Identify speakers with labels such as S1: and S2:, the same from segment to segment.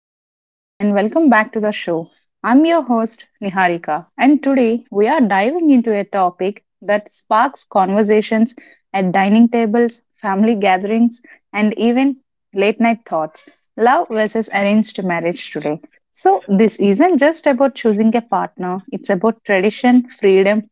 S1: everyone, and welcome back to the show. I'm your host, Niharika, and today we are diving into a topic that sparks conversations at dining tables, family gatherings, and even late night thoughts love versus arranged marriage today. So, this isn't just about choosing a partner, it's about tradition, freedom,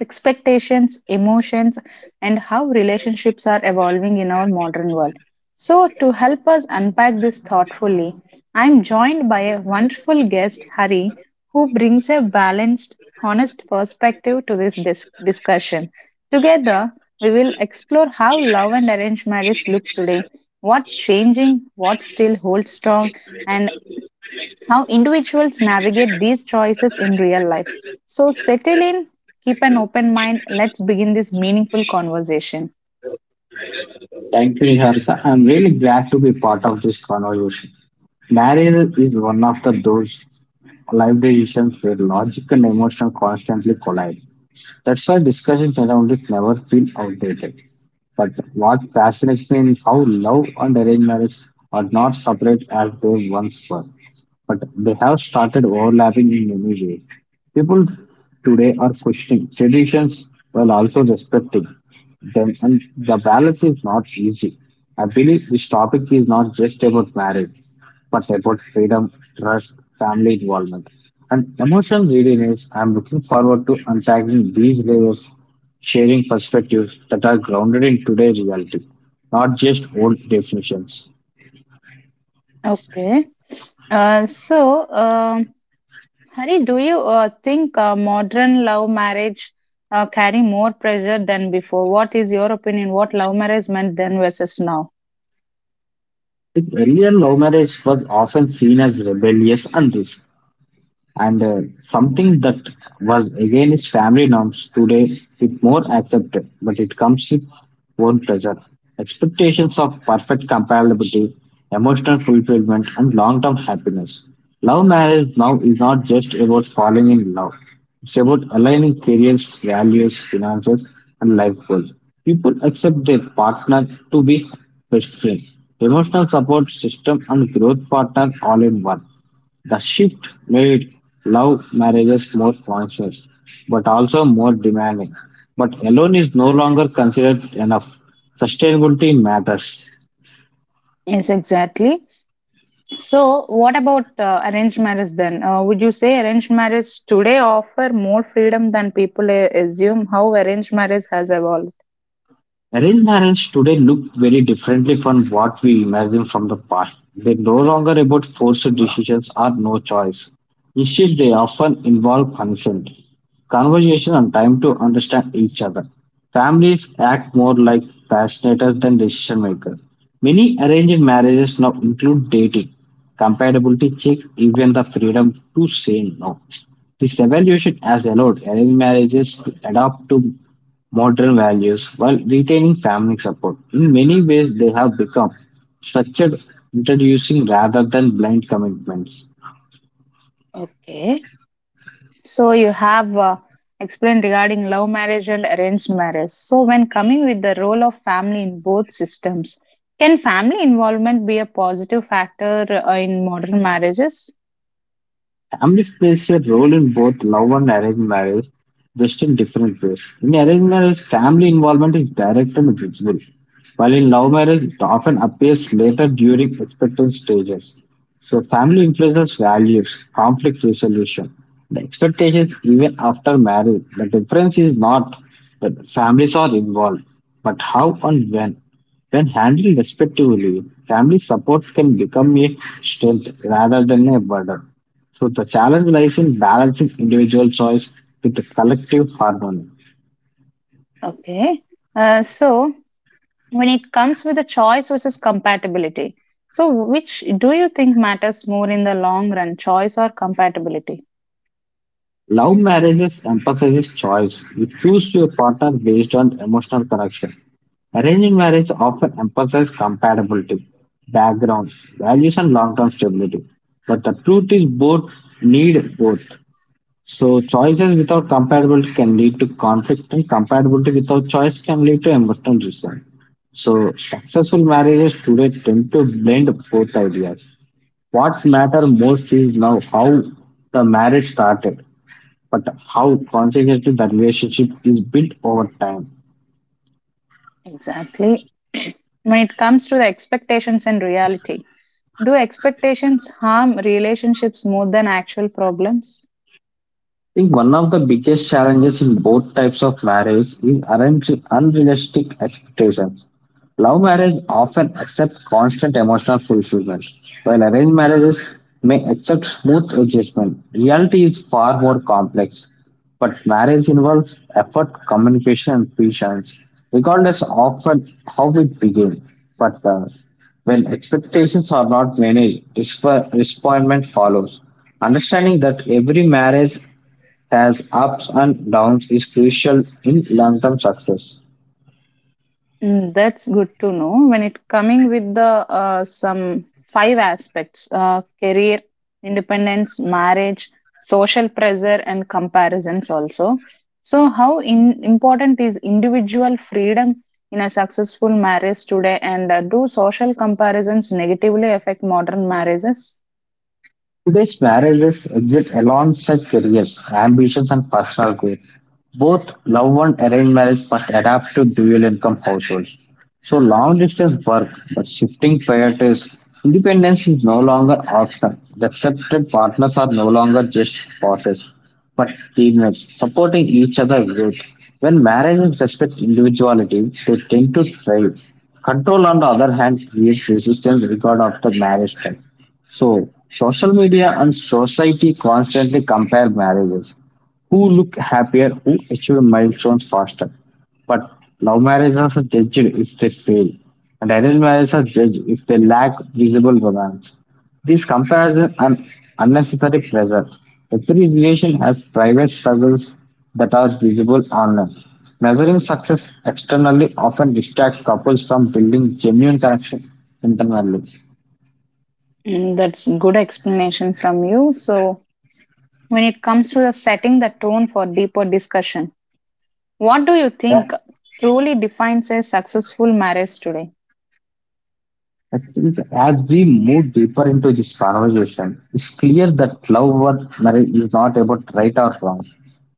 S1: expectations, emotions, and how relationships are evolving in our modern world. So, to help us unpack this thoughtfully, I'm joined by a wonderful guest, Hari, who brings a balanced, honest perspective to this discussion. Together, we will explore how love and arranged marriage look today, what changing, what still holds strong, and how individuals navigate these choices in real life. So, settle in, keep an open mind. Let's begin this meaningful conversation.
S2: Thank you, Niharika. I'm really glad to be part of this conversation. Marriage is one of the those life decisions where logic and emotion constantly collide. That's why discussions around it never feel outdated. But what fascinates me is how love and arranged marriage are not separate as they once were. But they have started overlapping in many ways. People today are questioning traditions while also respecting. The, and the balance is not easy. I believe this topic is not just about marriage, but about freedom, trust, family involvement, and emotional readiness. I'm looking forward to unpacking these layers, sharing perspectives that are grounded in today's reality, not just old definitions.
S1: Okay. So, Hari, do you think modern love marriage carry more pressure than before? What is your opinion? What love marriage meant then versus now?
S2: In earlier love marriage was often seen as rebellious and risky. And something that was against family norms today is more accepted, but it comes with own pressure. Expectations of perfect compatibility, emotional fulfillment, and long term happiness. Love marriage now is not just about falling in love, it's about aligning careers, values, finances, and life goals. People accept their partner to be best friend, emotional support system, and growth partner all in one. The shift made love marriages more conscious, but also more demanding. But alone is no longer considered enough. Sustainability matters.
S1: Yes, exactly. So, what about arranged marriage then? Would you say arranged marriage today offer more freedom than people assume? How arranged marriage has evolved?
S2: Arranged marriage today look very differently from what we imagine from the past. They're no longer about forced decisions or no choice. Instead, they often involve consent, conversation, and time to understand each other. Families act more like facilitators than decision makers. Many arranged marriages now include dating, compatibility checks, even the freedom to say no. This evaluation has allowed arranged marriages to adapt to modern values while retaining family support. In many ways, they have become structured, introducing rather than blind commitments.
S1: Okay. So you have explained regarding love marriage and arranged marriage. So when coming with the role of family in both systems, can family involvement be a positive factor in modern marriages?
S2: Family plays a role in both love and arranged marriage, just in different ways. In arranged marriage, family involvement is direct and visible, while in love marriage, it often appears later during expectant stages. So, family influences values, conflict resolution, the expectations even after marriage. The difference is not that families are involved, but how and when. When handled respectively, family support can become a strength rather than a burden. So the challenge lies in balancing individual choice with the collective harmony.
S1: Okay. So when it comes with the choice versus compatibility, so which do you think matters more in the long run, choice or compatibility?
S2: Love marriages emphasizes choice. You choose your partner based on emotional connection. Arranged marriage often emphasizes compatibility, background, values, and long-term stability. But the truth is both need both. So choices without compatibility can lead to conflict and compatibility without choice can lead to emotional resentment. So successful marriages today tend to blend both ideas. What matters most is now how the marriage started, but how consequently the relationship is built over time.
S1: Exactly. When it comes to the expectations and reality, do expectations harm relationships more than actual problems?
S2: I think one of the biggest challenges in both types of marriage is unrealistic expectations. Love marriage often accepts constant emotional fulfillment, while arranged marriages may accept smooth adjustment. Reality is far more complex, but marriage involves effort, communication, and patience, regardless of how it begins. But when expectations are not managed, disappointment follows. Understanding that every marriage has ups and downs is crucial in long-term success.
S1: Mm, that's good to know. When it coming with the some five aspects: career, independence, marriage, social pressure, and comparisons. Also, so how important is individual freedom in a successful marriage today? And do social comparisons negatively affect modern marriages?
S2: Today's marriages exist alongside careers, ambitions, and personal growth. Both love and arranged marriage must adapt to dual income households. So, long distance work, but shifting priorities, independence is no longer optional. The accepted partners are no longer just bosses, but teammates supporting each other growth. When marriages respect individuality, they tend to thrive. Control, on the other hand, creates resistance regard of the marriage type. So, social media and society constantly compare marriages. Who look happier, who achieve milestones faster. But love marriages are judged if they fail, and arranged marriages are judged if they lack visible romance. This comparison and unnecessary pressure. Every relation has private struggles that are visible online. Measuring success externally often distracts couples from building genuine connection internally.
S1: Mm, that's good explanation from you. So when it comes to the setting the tone for deeper discussion. What do you
S2: Yeah.
S1: think truly defines a successful marriage today?
S2: I think as we move deeper into this conversation, it's clear that love or marriage is not about right or wrong.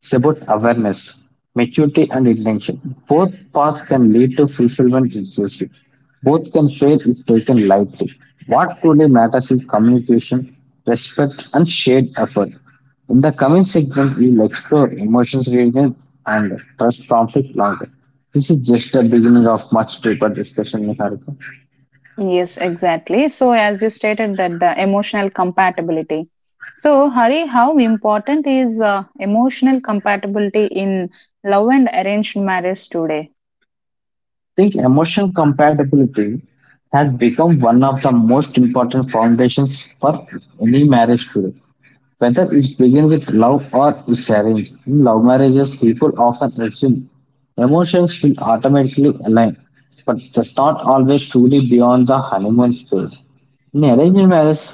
S2: It's about awareness, maturity, and intention. Both paths can lead to fulfillment relationship. Both can fail if taken lightly. What truly matters is communication, respect, and shared effort. In the coming segment, we'll explore emotions, readiness, and trust conflict longer. This is just the beginning of much deeper discussion, Niharika.
S1: Yes, exactly. So, as you stated, that the emotional compatibility. So, Hari, how important is emotional compatibility in love and arranged marriage today?
S2: Think emotion compatibility has become one of the most important foundations for any marriage today. Whether it's begin with love or it's arranged, in love marriages, people often assume emotions will automatically align, but that's not always truly beyond the honeymoon phase. In arranged marriage,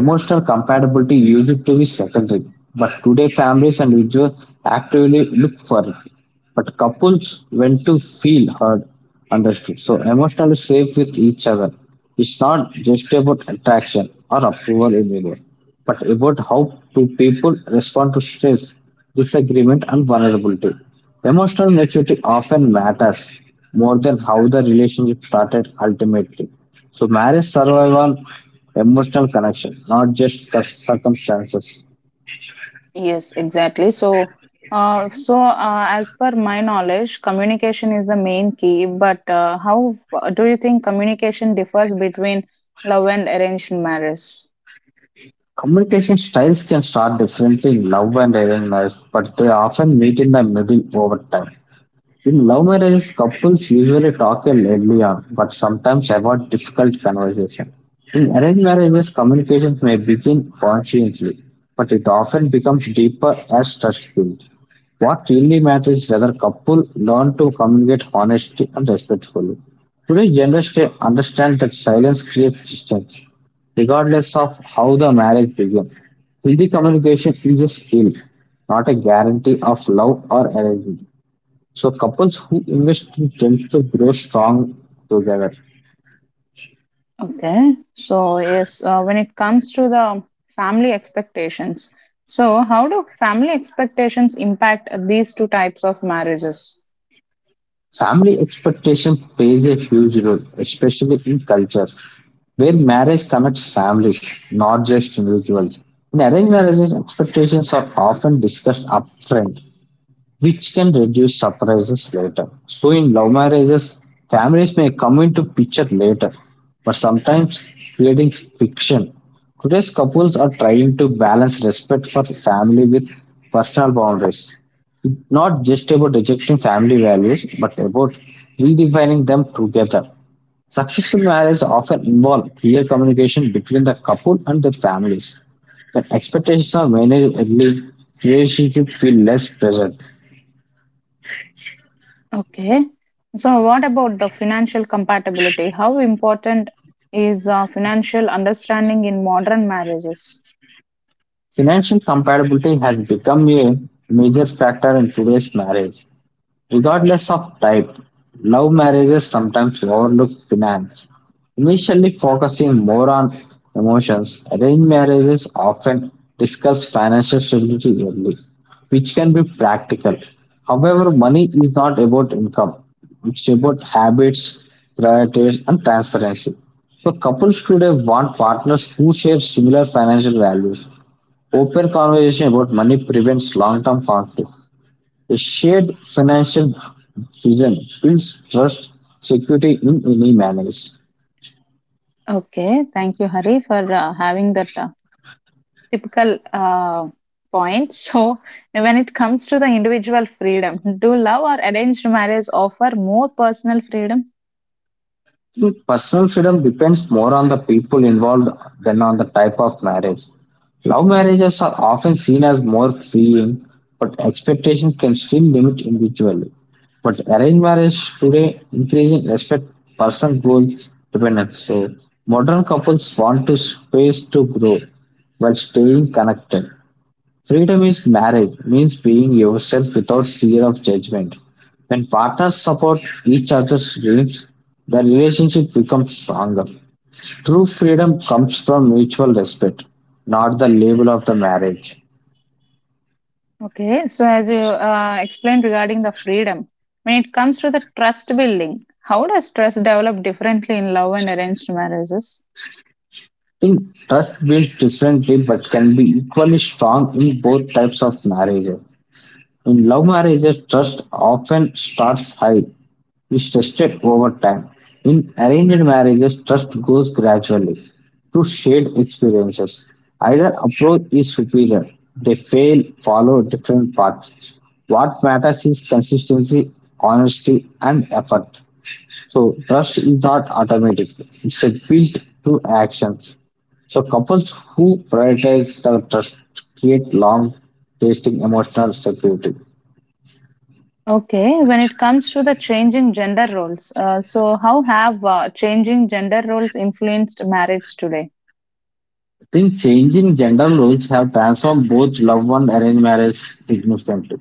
S2: emotional compatibility used to be secondary, but today families and individuals actively look for it. But couples want to feel heard, understood, so emotionally safe with each other. It's not just about attraction or approval anymore but about how do people respond to stress, disagreement, and vulnerability. Emotional maturity often matters more than how the relationship started ultimately. So, marriage survives on emotional connection, not just the circumstances.
S1: Yes, exactly. So, as per my knowledge, communication is the main key. But how do you think communication differs between love and arranged marriage?
S2: Communication styles can start differently in love and arranged marriage, but they often meet in the middle over time. In love marriages, couples usually talk early on, but sometimes avoid difficult conversation. In arranged marriages, communications may begin consciously, but it often becomes deeper as trust builds. What really matters is whether couple learn to communicate honestly and respectfully. Today's generation understands that silence creates distance, regardless of how the marriage began. Healthy communication is a skill, not a guarantee of love or arrangement. So couples who invest tend to grow strong together.
S1: Okay. So yes, when it comes to the family expectations, so how do family expectations impact these two types of marriages?
S2: Family expectation plays a huge role, especially in culture, where marriage connects families, not just individuals. In arranged marriages, expectations are often discussed upfront, which can reduce surprises later. So in love marriages, families may come into picture later, but sometimes creating fiction. Today's couples are trying to balance respect for family with personal boundaries. It's not just about rejecting family values, but about redefining them together. Successful marriages often involve clear communication between the couple and their families. When expectations are managed early, relationships feel less pressure.
S1: Okay. So what about the financial compatibility? How important is financial understanding in modern marriages?
S2: Financial compatibility has become a major factor in today's marriage. Regardless of type, love marriages sometimes overlook finance. Initially focusing more on emotions, arranged marriages often discuss financial stability early, which can be practical. However, money is not about income, it's about habits, priorities, and transparency. So, couples today want partners who share similar financial values. Open conversation about money prevents long-term conflict. A shared financial vision builds trust, security in any manners.
S1: Okay, thank you, Hari, for having that typical point. So, when it comes to the individual freedom, do love or arranged marriage offer more personal freedom?
S2: Think personal freedom depends more on the people involved than on the type of marriage. Love marriages are often seen as more freeing, but expectations can still limit individually. But arranged marriage today increasing respect person goals dependence. So modern couples want to space to grow while staying connected. Freedom is marriage means being yourself without fear of judgment. When partners support each other's dreams, the relationship becomes stronger. True freedom comes from mutual respect, not the label of the marriage.
S1: Okay, so as you explained regarding the freedom, when it comes to the trust building, how does trust develop differently in love and arranged marriages?
S2: I think trust builds differently but can be equally strong in both types of marriages. In love marriages, trust often starts high is tested over time. In arranged marriages, trust grows gradually through shared experiences. Either approach is superior, they fail, follow different paths. What matters is consistency, honesty, and effort. So, trust is not automatic, it's a built through actions. So, couples who prioritize the trust create long lasting emotional security.
S1: Okay, when it comes to the changing gender roles, so how have changing gender roles influenced marriage today?
S2: Think changing gender roles have transformed both love and arranged marriage significantly.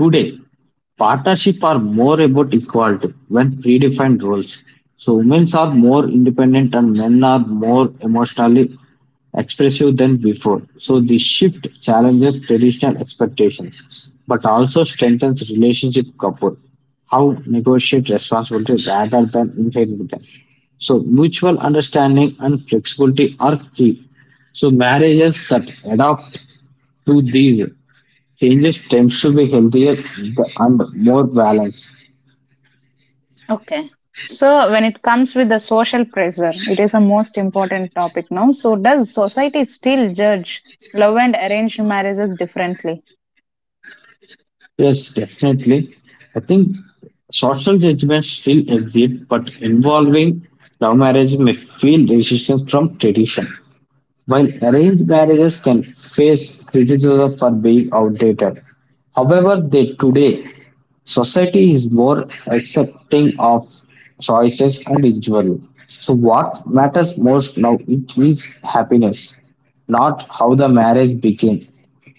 S2: Today, partnership are more about equality when predefined roles. So women are more independent and men are more emotionally expressive than before. So the shift challenges traditional expectations, but also strengthens relationship couple. How negotiate responsibility rather than inherit them. So mutual understanding and flexibility are key. So marriages that adapt to these changes tends to be healthier and more balanced.
S1: Okay. So, when it comes with the social pressure, it is a most important topic now. So, does society still judge love and arranged marriages differently?
S2: Yes, definitely. I think social judgments still exist, but involving love marriage may feel resistance from tradition, while arranged marriages can face criticism for being outdated. However, they today society is more accepting of choices and individual. So what matters most now it is happiness, not how the marriage became.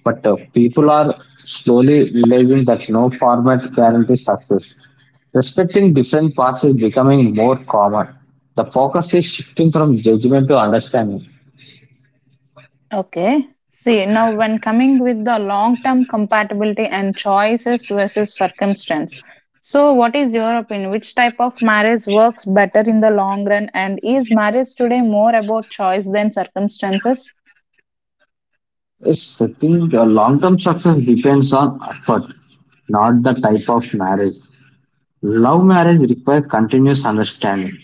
S2: But people are slowly realizing that no format guarantees success. Respecting different paths is becoming more common. The focus is shifting from judgment to understanding.
S1: Okay. See, now when coming with the long term compatibility and choices versus circumstance. So, what is your opinion? Which type of marriage works better in the long run? And is marriage today more about choice than circumstances?
S2: Yes, I think long term success depends on effort, not the type of marriage. Love marriage requires continuous understanding.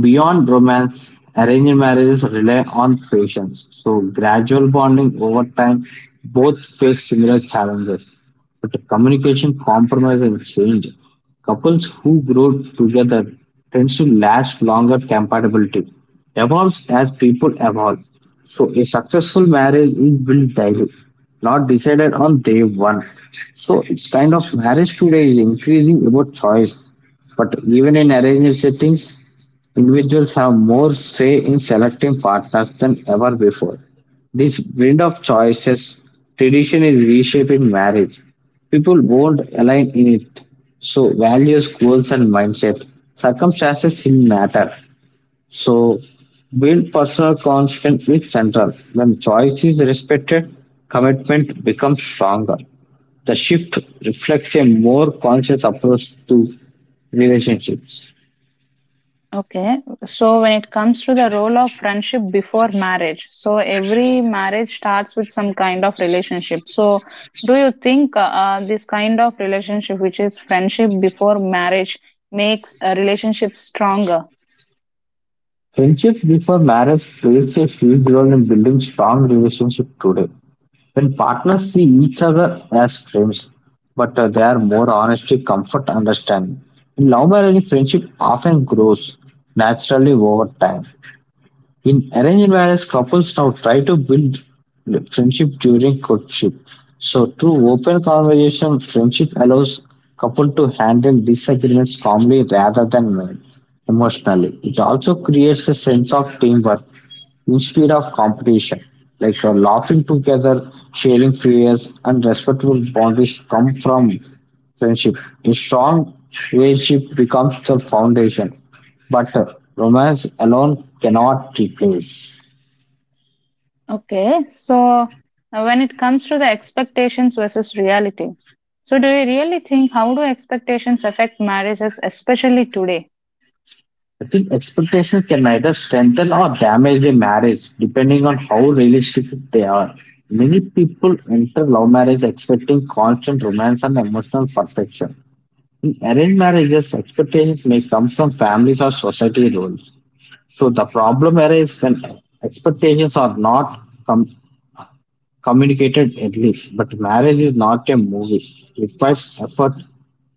S2: Beyond romance, arranged marriages rely on patience, so gradual bonding over time. Both face similar challenges, but the communication, compromise, and change. Couples who grow together tend to last longer. Compatibility evolves as people evolve. So a successful marriage is built daily, not decided on day one. So it's kind of marriage today is increasing about choice, but even in arranged settings, individuals have more say in selecting partners than ever before. This blend of choices tradition is reshaping marriage. People won't align in it. So values, goals and mindset. Circumstances still matter. So build personal constant with central. When choice is respected, commitment becomes stronger. The shift reflects a more conscious approach to relationships.
S1: Okay, so when it comes to the role of friendship before marriage, so every marriage starts with some kind of relationship. So, do you think this kind of relationship, which is friendship before marriage, makes a relationship stronger?
S2: Friendships before marriage plays a huge role in building strong relationships today. When partners see each other as friends, but they are more honesty, comfort, understanding. In love marriage, friendship often grows naturally over time. In arranged marriage, couples now try to build friendship during courtship. So, through open conversation, friendship allows couple to handle disagreements calmly rather than emotionally. It also creates a sense of teamwork instead of competition. Like laughing together, sharing fears, and respectful boundaries come from friendship. A strong relationship becomes the foundation, but romance alone cannot replace.
S1: Okay, so when it comes to the expectations versus reality, so do you really think how do expectations affect marriages, especially today?
S2: I think expectations can either strengthen or damage a marriage depending on how realistic they are. Many people enter love marriage expecting constant romance and emotional perfection. In arranged marriages, expectations may come from families or society roles. So the problem arises when expectations are not com- communicated early. But marriage is not a movie. It requires effort,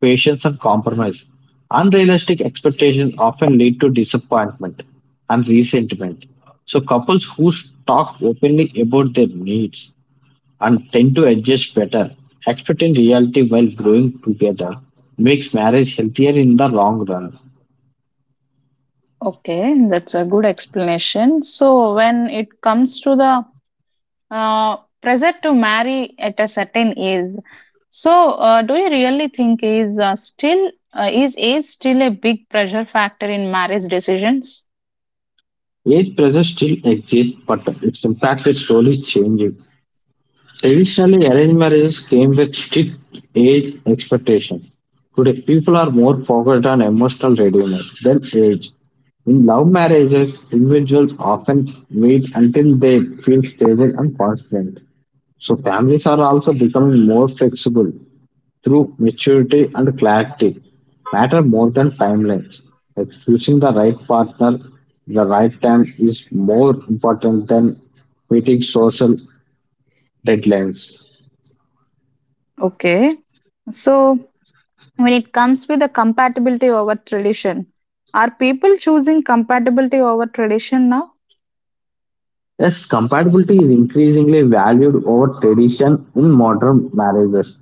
S2: patience, and compromise. Unrealistic expectations often lead to disappointment and resentment. So couples who talk openly about their needs and tend to adjust better. Expecting reality while growing together makes marriage healthier in the long run.
S1: Okay, that's a good explanation. So, when it comes to the pressure to marry at a certain age. So, do you really think is still is age still a big pressure factor in marriage decisions?
S2: Age pressure still exists, but its impact is slowly changing. Traditionally, arranged marriages came with strict age expectations. Today, people are more focused on emotional readiness than age. In love marriages, individuals often wait until they feel stable and confident. So, families are also becoming more flexible. Through maturity and clarity matter more than timelines. Like choosing the right partner, the right time is more important than meeting social deadlines.
S1: Okay. So, when it comes with the compatibility over tradition, are people choosing compatibility over tradition now?
S2: Yes, compatibility is increasingly valued over tradition in modern marriages,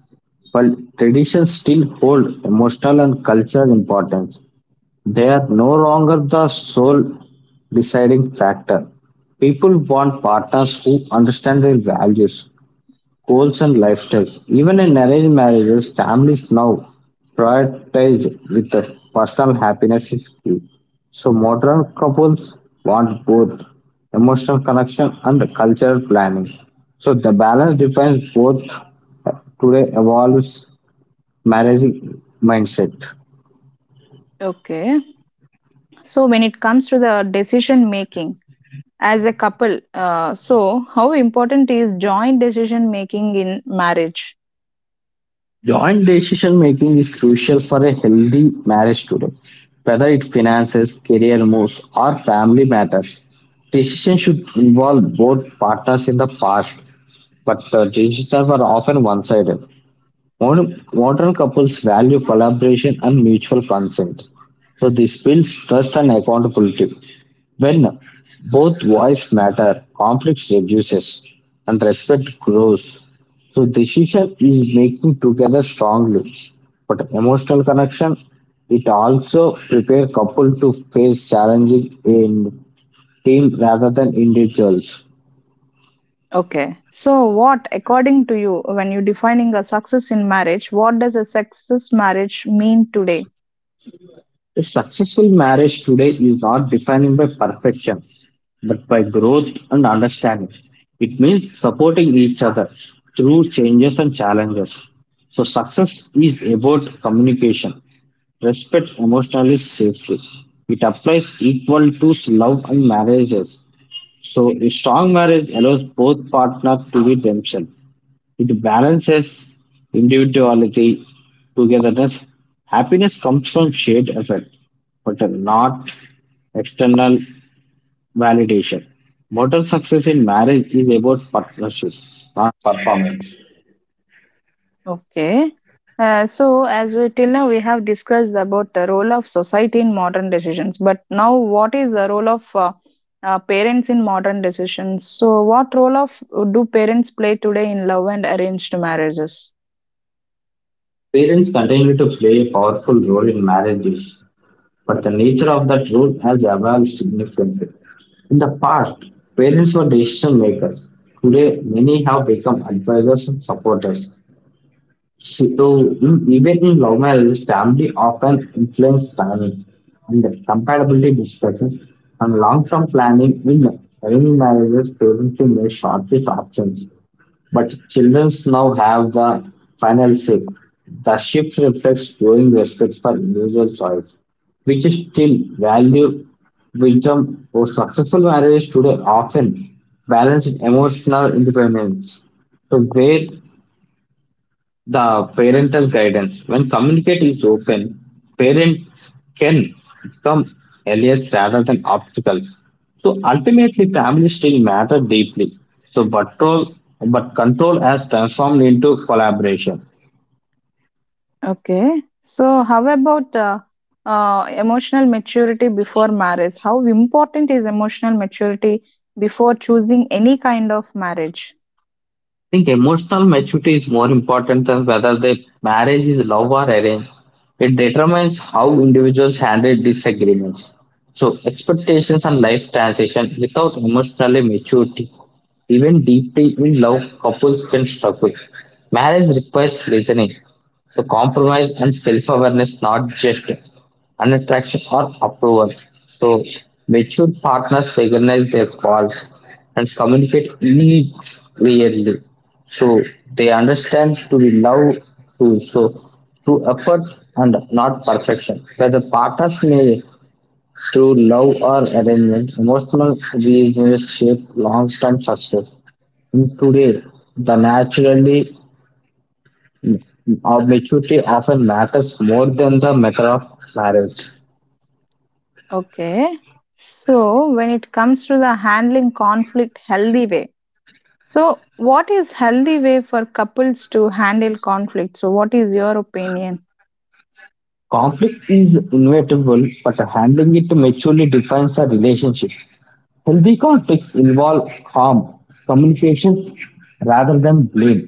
S2: but traditions still hold emotional and cultural importance. They are no longer the sole deciding factor. People want partners who understand their values, goals and lifestyles. Even in arranged marriages, families now prioritize with the personal happiness is key. So modern couples want both emotional connection and cultural planning. So the balance defines both uh, today evolves marriage mindset.
S1: Okay. So, when it comes to the decision making as a couple, so how important is joint decision making in marriage?
S2: Joint decision making is crucial for a healthy marriage today. Whether it finances, career moves, or family matters, decisions should involve both partners in the past, but the decisions were often one sided. Modern couples value collaboration and mutual consent. So, this builds trust and accountability. When both voices matter, conflict reduces and respect grows. So decision is making together strongly, but emotional connection it also prepare couple to face challenging in team rather than individuals.
S1: Okay. So, what, according to you, when you're defining a success in marriage, what does a success marriage mean today?
S2: A successful marriage today is not defined by perfection, but by growth and understanding. It means supporting each other through changes and challenges. So, success is about communication, respect emotionally safety. It applies equal to love and marriages. So, a strong marriage allows both partners to be themselves it balances individuality, togetherness. Happiness comes from shared effort, but not external validation. Modern success in marriage is about partnership, not performance.
S1: Okay. So, as we till now we have discussed about the role of society in modern decisions, but now what is the role of parents in modern decisions? So, what role of do parents play today in love and arranged marriages?
S2: Parents continue to play a powerful role in marriages, but the nature of that role has evolved significantly. In the past, parents were decision makers. Today, many have become advisors and supporters. So even in love marriages, family often influence timing and compatibility discussions and long-term planning in early marriages parents can make shortest options. But children now have the final say. The shift reflects growing respect for individual choice, which is still value wisdom for successful marriages today often balance emotional independence. So where the parental guidance. When communicate is open, parents can become allies rather than obstacles. So ultimately, family still matter deeply. So, but, role, but control has transformed into collaboration.
S1: Okay. So, how about emotional maturity before marriage? How important is emotional maturity before choosing any kind of marriage?
S2: Think emotional maturity is more important than whether the marriage is love or arranged. It determines how individuals handle disagreements. So, expectations and life transition without emotional maturity, even deeply in love, couples can struggle. Marriage requires listening, so compromise and self-awareness, not just an attraction or approval. So mature partners recognize their faults and communicate it clearly so they understand to be love through through effort and not perfection whether partners may through love or arrangement emotional reasons shape long-term success in today the naturally of maturity often matters more than the matter of marriage
S1: Okay. So, when it comes to the handling conflict healthy way, so what is healthy way for couples to handle conflict? So, what is your opinion?
S2: conflict is inevitable but handling it maturely defines the relationship. Healthy conflicts involve calm communication rather than blame.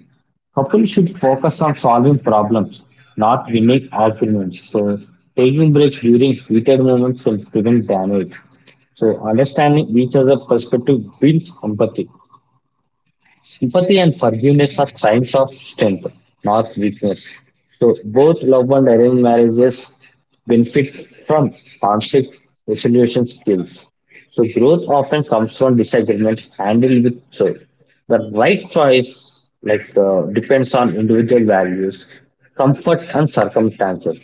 S2: Couples should focus on solving problems, not winning arguments. So, taking breaks during heated moments can prevent damage. So, understanding each other's perspective builds empathy. Empathy and forgiveness are signs of strength, not weakness. So both love and arranged marriages benefit from conflict resolution skills. So growth often comes from disagreements handled with soul. The right choice like depends on individual values, comfort and circumstances.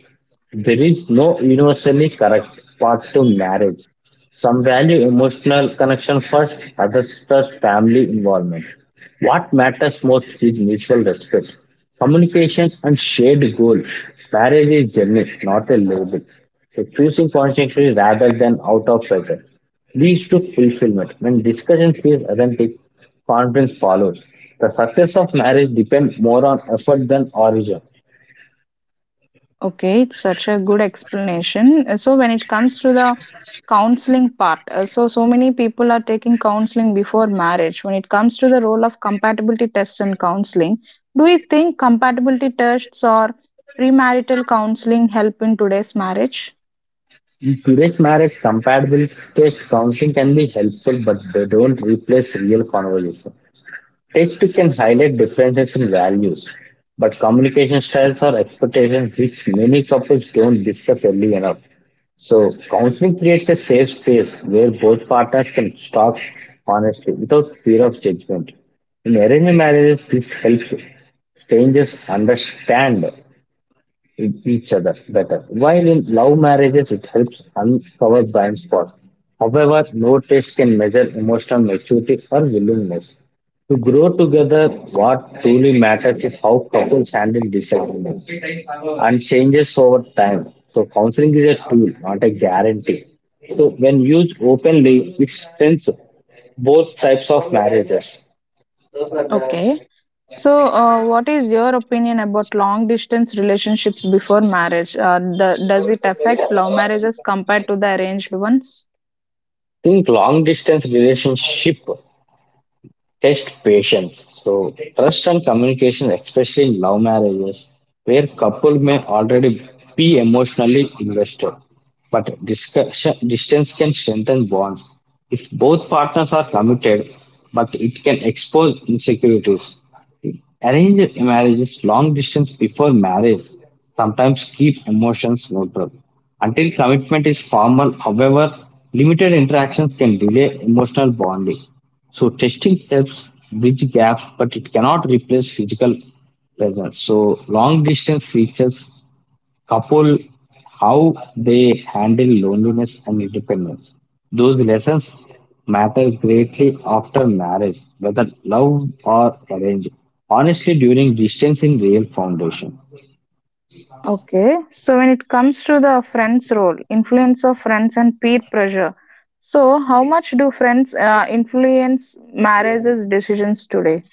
S2: There is no universally correct path to marriage. Some value emotional connection first, others trust family involvement. What matters most is mutual respect, communication, and shared goal. Marriage is journey, not a label. So choosing consciously rather than out of pressure leads to fulfillment. When discussion feels authentic, confidence follows. The success of marriage depends more on effort than origin.
S1: Okay, it's such a good explanation. So when it comes to the counseling part, so many people are taking counseling before marriage. When it comes to the role of compatibility tests in counseling, do you think compatibility tests or premarital counseling help in today's marriage?
S2: In today's marriage, compatibility test counseling can be helpful, but they don't replace real conversation. Text can highlight differences in values, but communication styles are expectations which many couples don't discuss early enough. So, counseling creates a safe space where both partners can talk honestly without fear of judgment. In arranged marriages, this helps strangers understand each other better. While in love marriages, it helps uncover blind spots. However, no test can measure emotional maturity or willingness. To grow together, what truly matters is how couples handle disagreements and changes over time. So, counseling is a tool, not a guarantee. So, when used openly, it strengthens both types of marriages.
S1: Okay. So what is your opinion about long distance relationships before marriage? Does it affect love marriages compared to the arranged ones?
S2: Think long distance relationship test patience. So, trust and communication, especially in love marriages, where couple may already be emotionally invested. But discussion, distance can strengthen bonds if both partners are committed, but it can expose insecurities. Arranged marriages long distance before marriage sometimes keep emotions neutral. Until commitment is formal, however, limited interactions can delay emotional bonding. So testing helps bridge gaps, but it cannot replace physical presence. So long distance reaches couple how they handle loneliness and independence. Those lessons matter greatly after marriage, whether love or arranged. Honestly, during distancing, real foundation. I
S1: Okay, so when it comes to the friends' role, influence of friends and peer pressure. So, how much do friends influence marriages decisions today?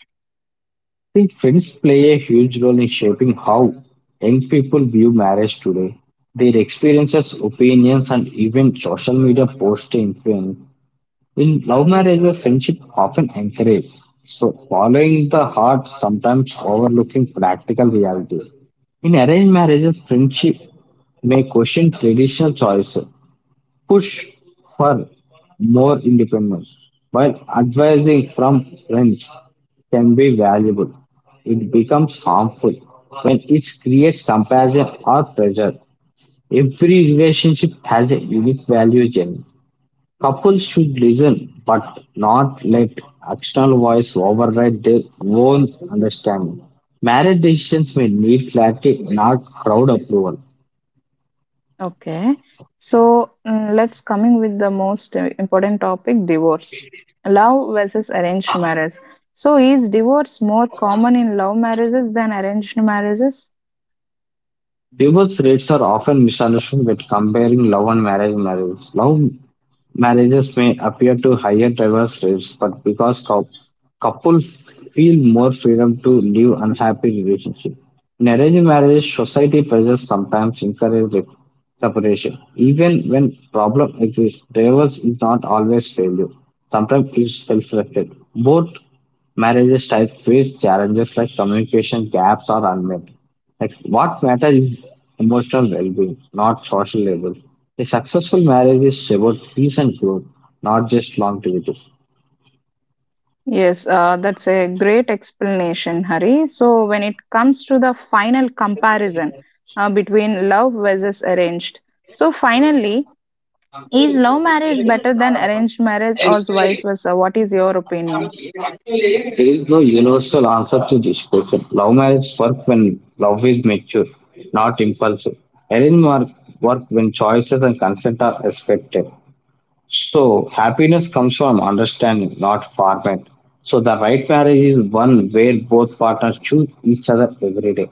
S2: think friends play a huge role in shaping how young people view marriage today. Their experiences, opinions, and even social media posts influence in love marriages, friendship often encouraged. So, following the heart, sometimes overlooking practical reality. In arranged marriages, friendship may question traditional choices, push for more independence, while advising from friends can be valuable. It becomes harmful when it creates comparison or pressure. Every relationship has a unique value journey. Couples should listen, but not let external voice override their own understanding. Marriage decisions may need clarity, not crowd approval.
S1: Okay, so mm, let's coming with the most important topic: divorce, love versus arranged marriage. So, is divorce more common in love marriages than arranged marriages?
S2: Divorce rates are often misunderstood when comparing love and marriage marriages. Love marriages may appear to higher divorce rates, but because couples feel more freedom to live unhappy relationship. In arranged marriage, society pressures sometimes encourage separation. Even when problem exists, divorce is not always failure. Sometimes it's self-reflected. Both marriages type face challenges like communication gaps or unmet. Like what matters is emotional well-being, not social labels. A successful marriage is about peace and growth, not just longevity.
S1: Yes, that's a great explanation, Hari. So, when it comes to the final comparison between love versus arranged, so finally, is love marriage better than arranged marriage or vice versa? What is your opinion?
S2: There is no universal answer to this question. Love marriages work when love is mature, not impulsive. Arranged mar- Work when choices and consent are respected. So, happiness comes from understanding, not format. So, the right marriage is one where both partners choose each other every day.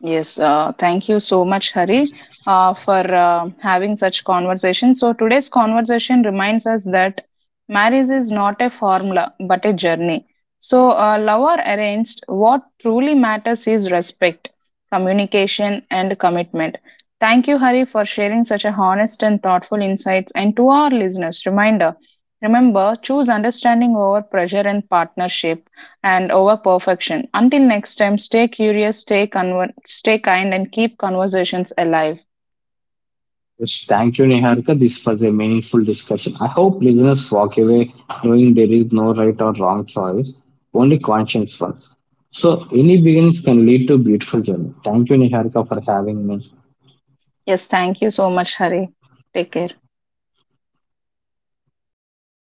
S1: Yes, thank you so much, Hari, for having such conversation. So today's conversation reminds us that marriage is not a formula but a journey. So love or arranged, what truly matters is respect, communication, and commitment. Thank you, Hari, for sharing such a honest and thoughtful insights. And to our listeners, reminder: remember, choose understanding over pressure and partnership and over perfection. Until next time, stay curious, stay kind, and keep conversations alive.
S2: Yes, thank you, Niharika. This was a meaningful discussion. I hope listeners walk away knowing there is no right or wrong choice, only conscience ones. So, any beginnings can lead to beautiful journey. Thank you, Niharika, for having me.
S1: Yes, thank you so much, Hari. Take care.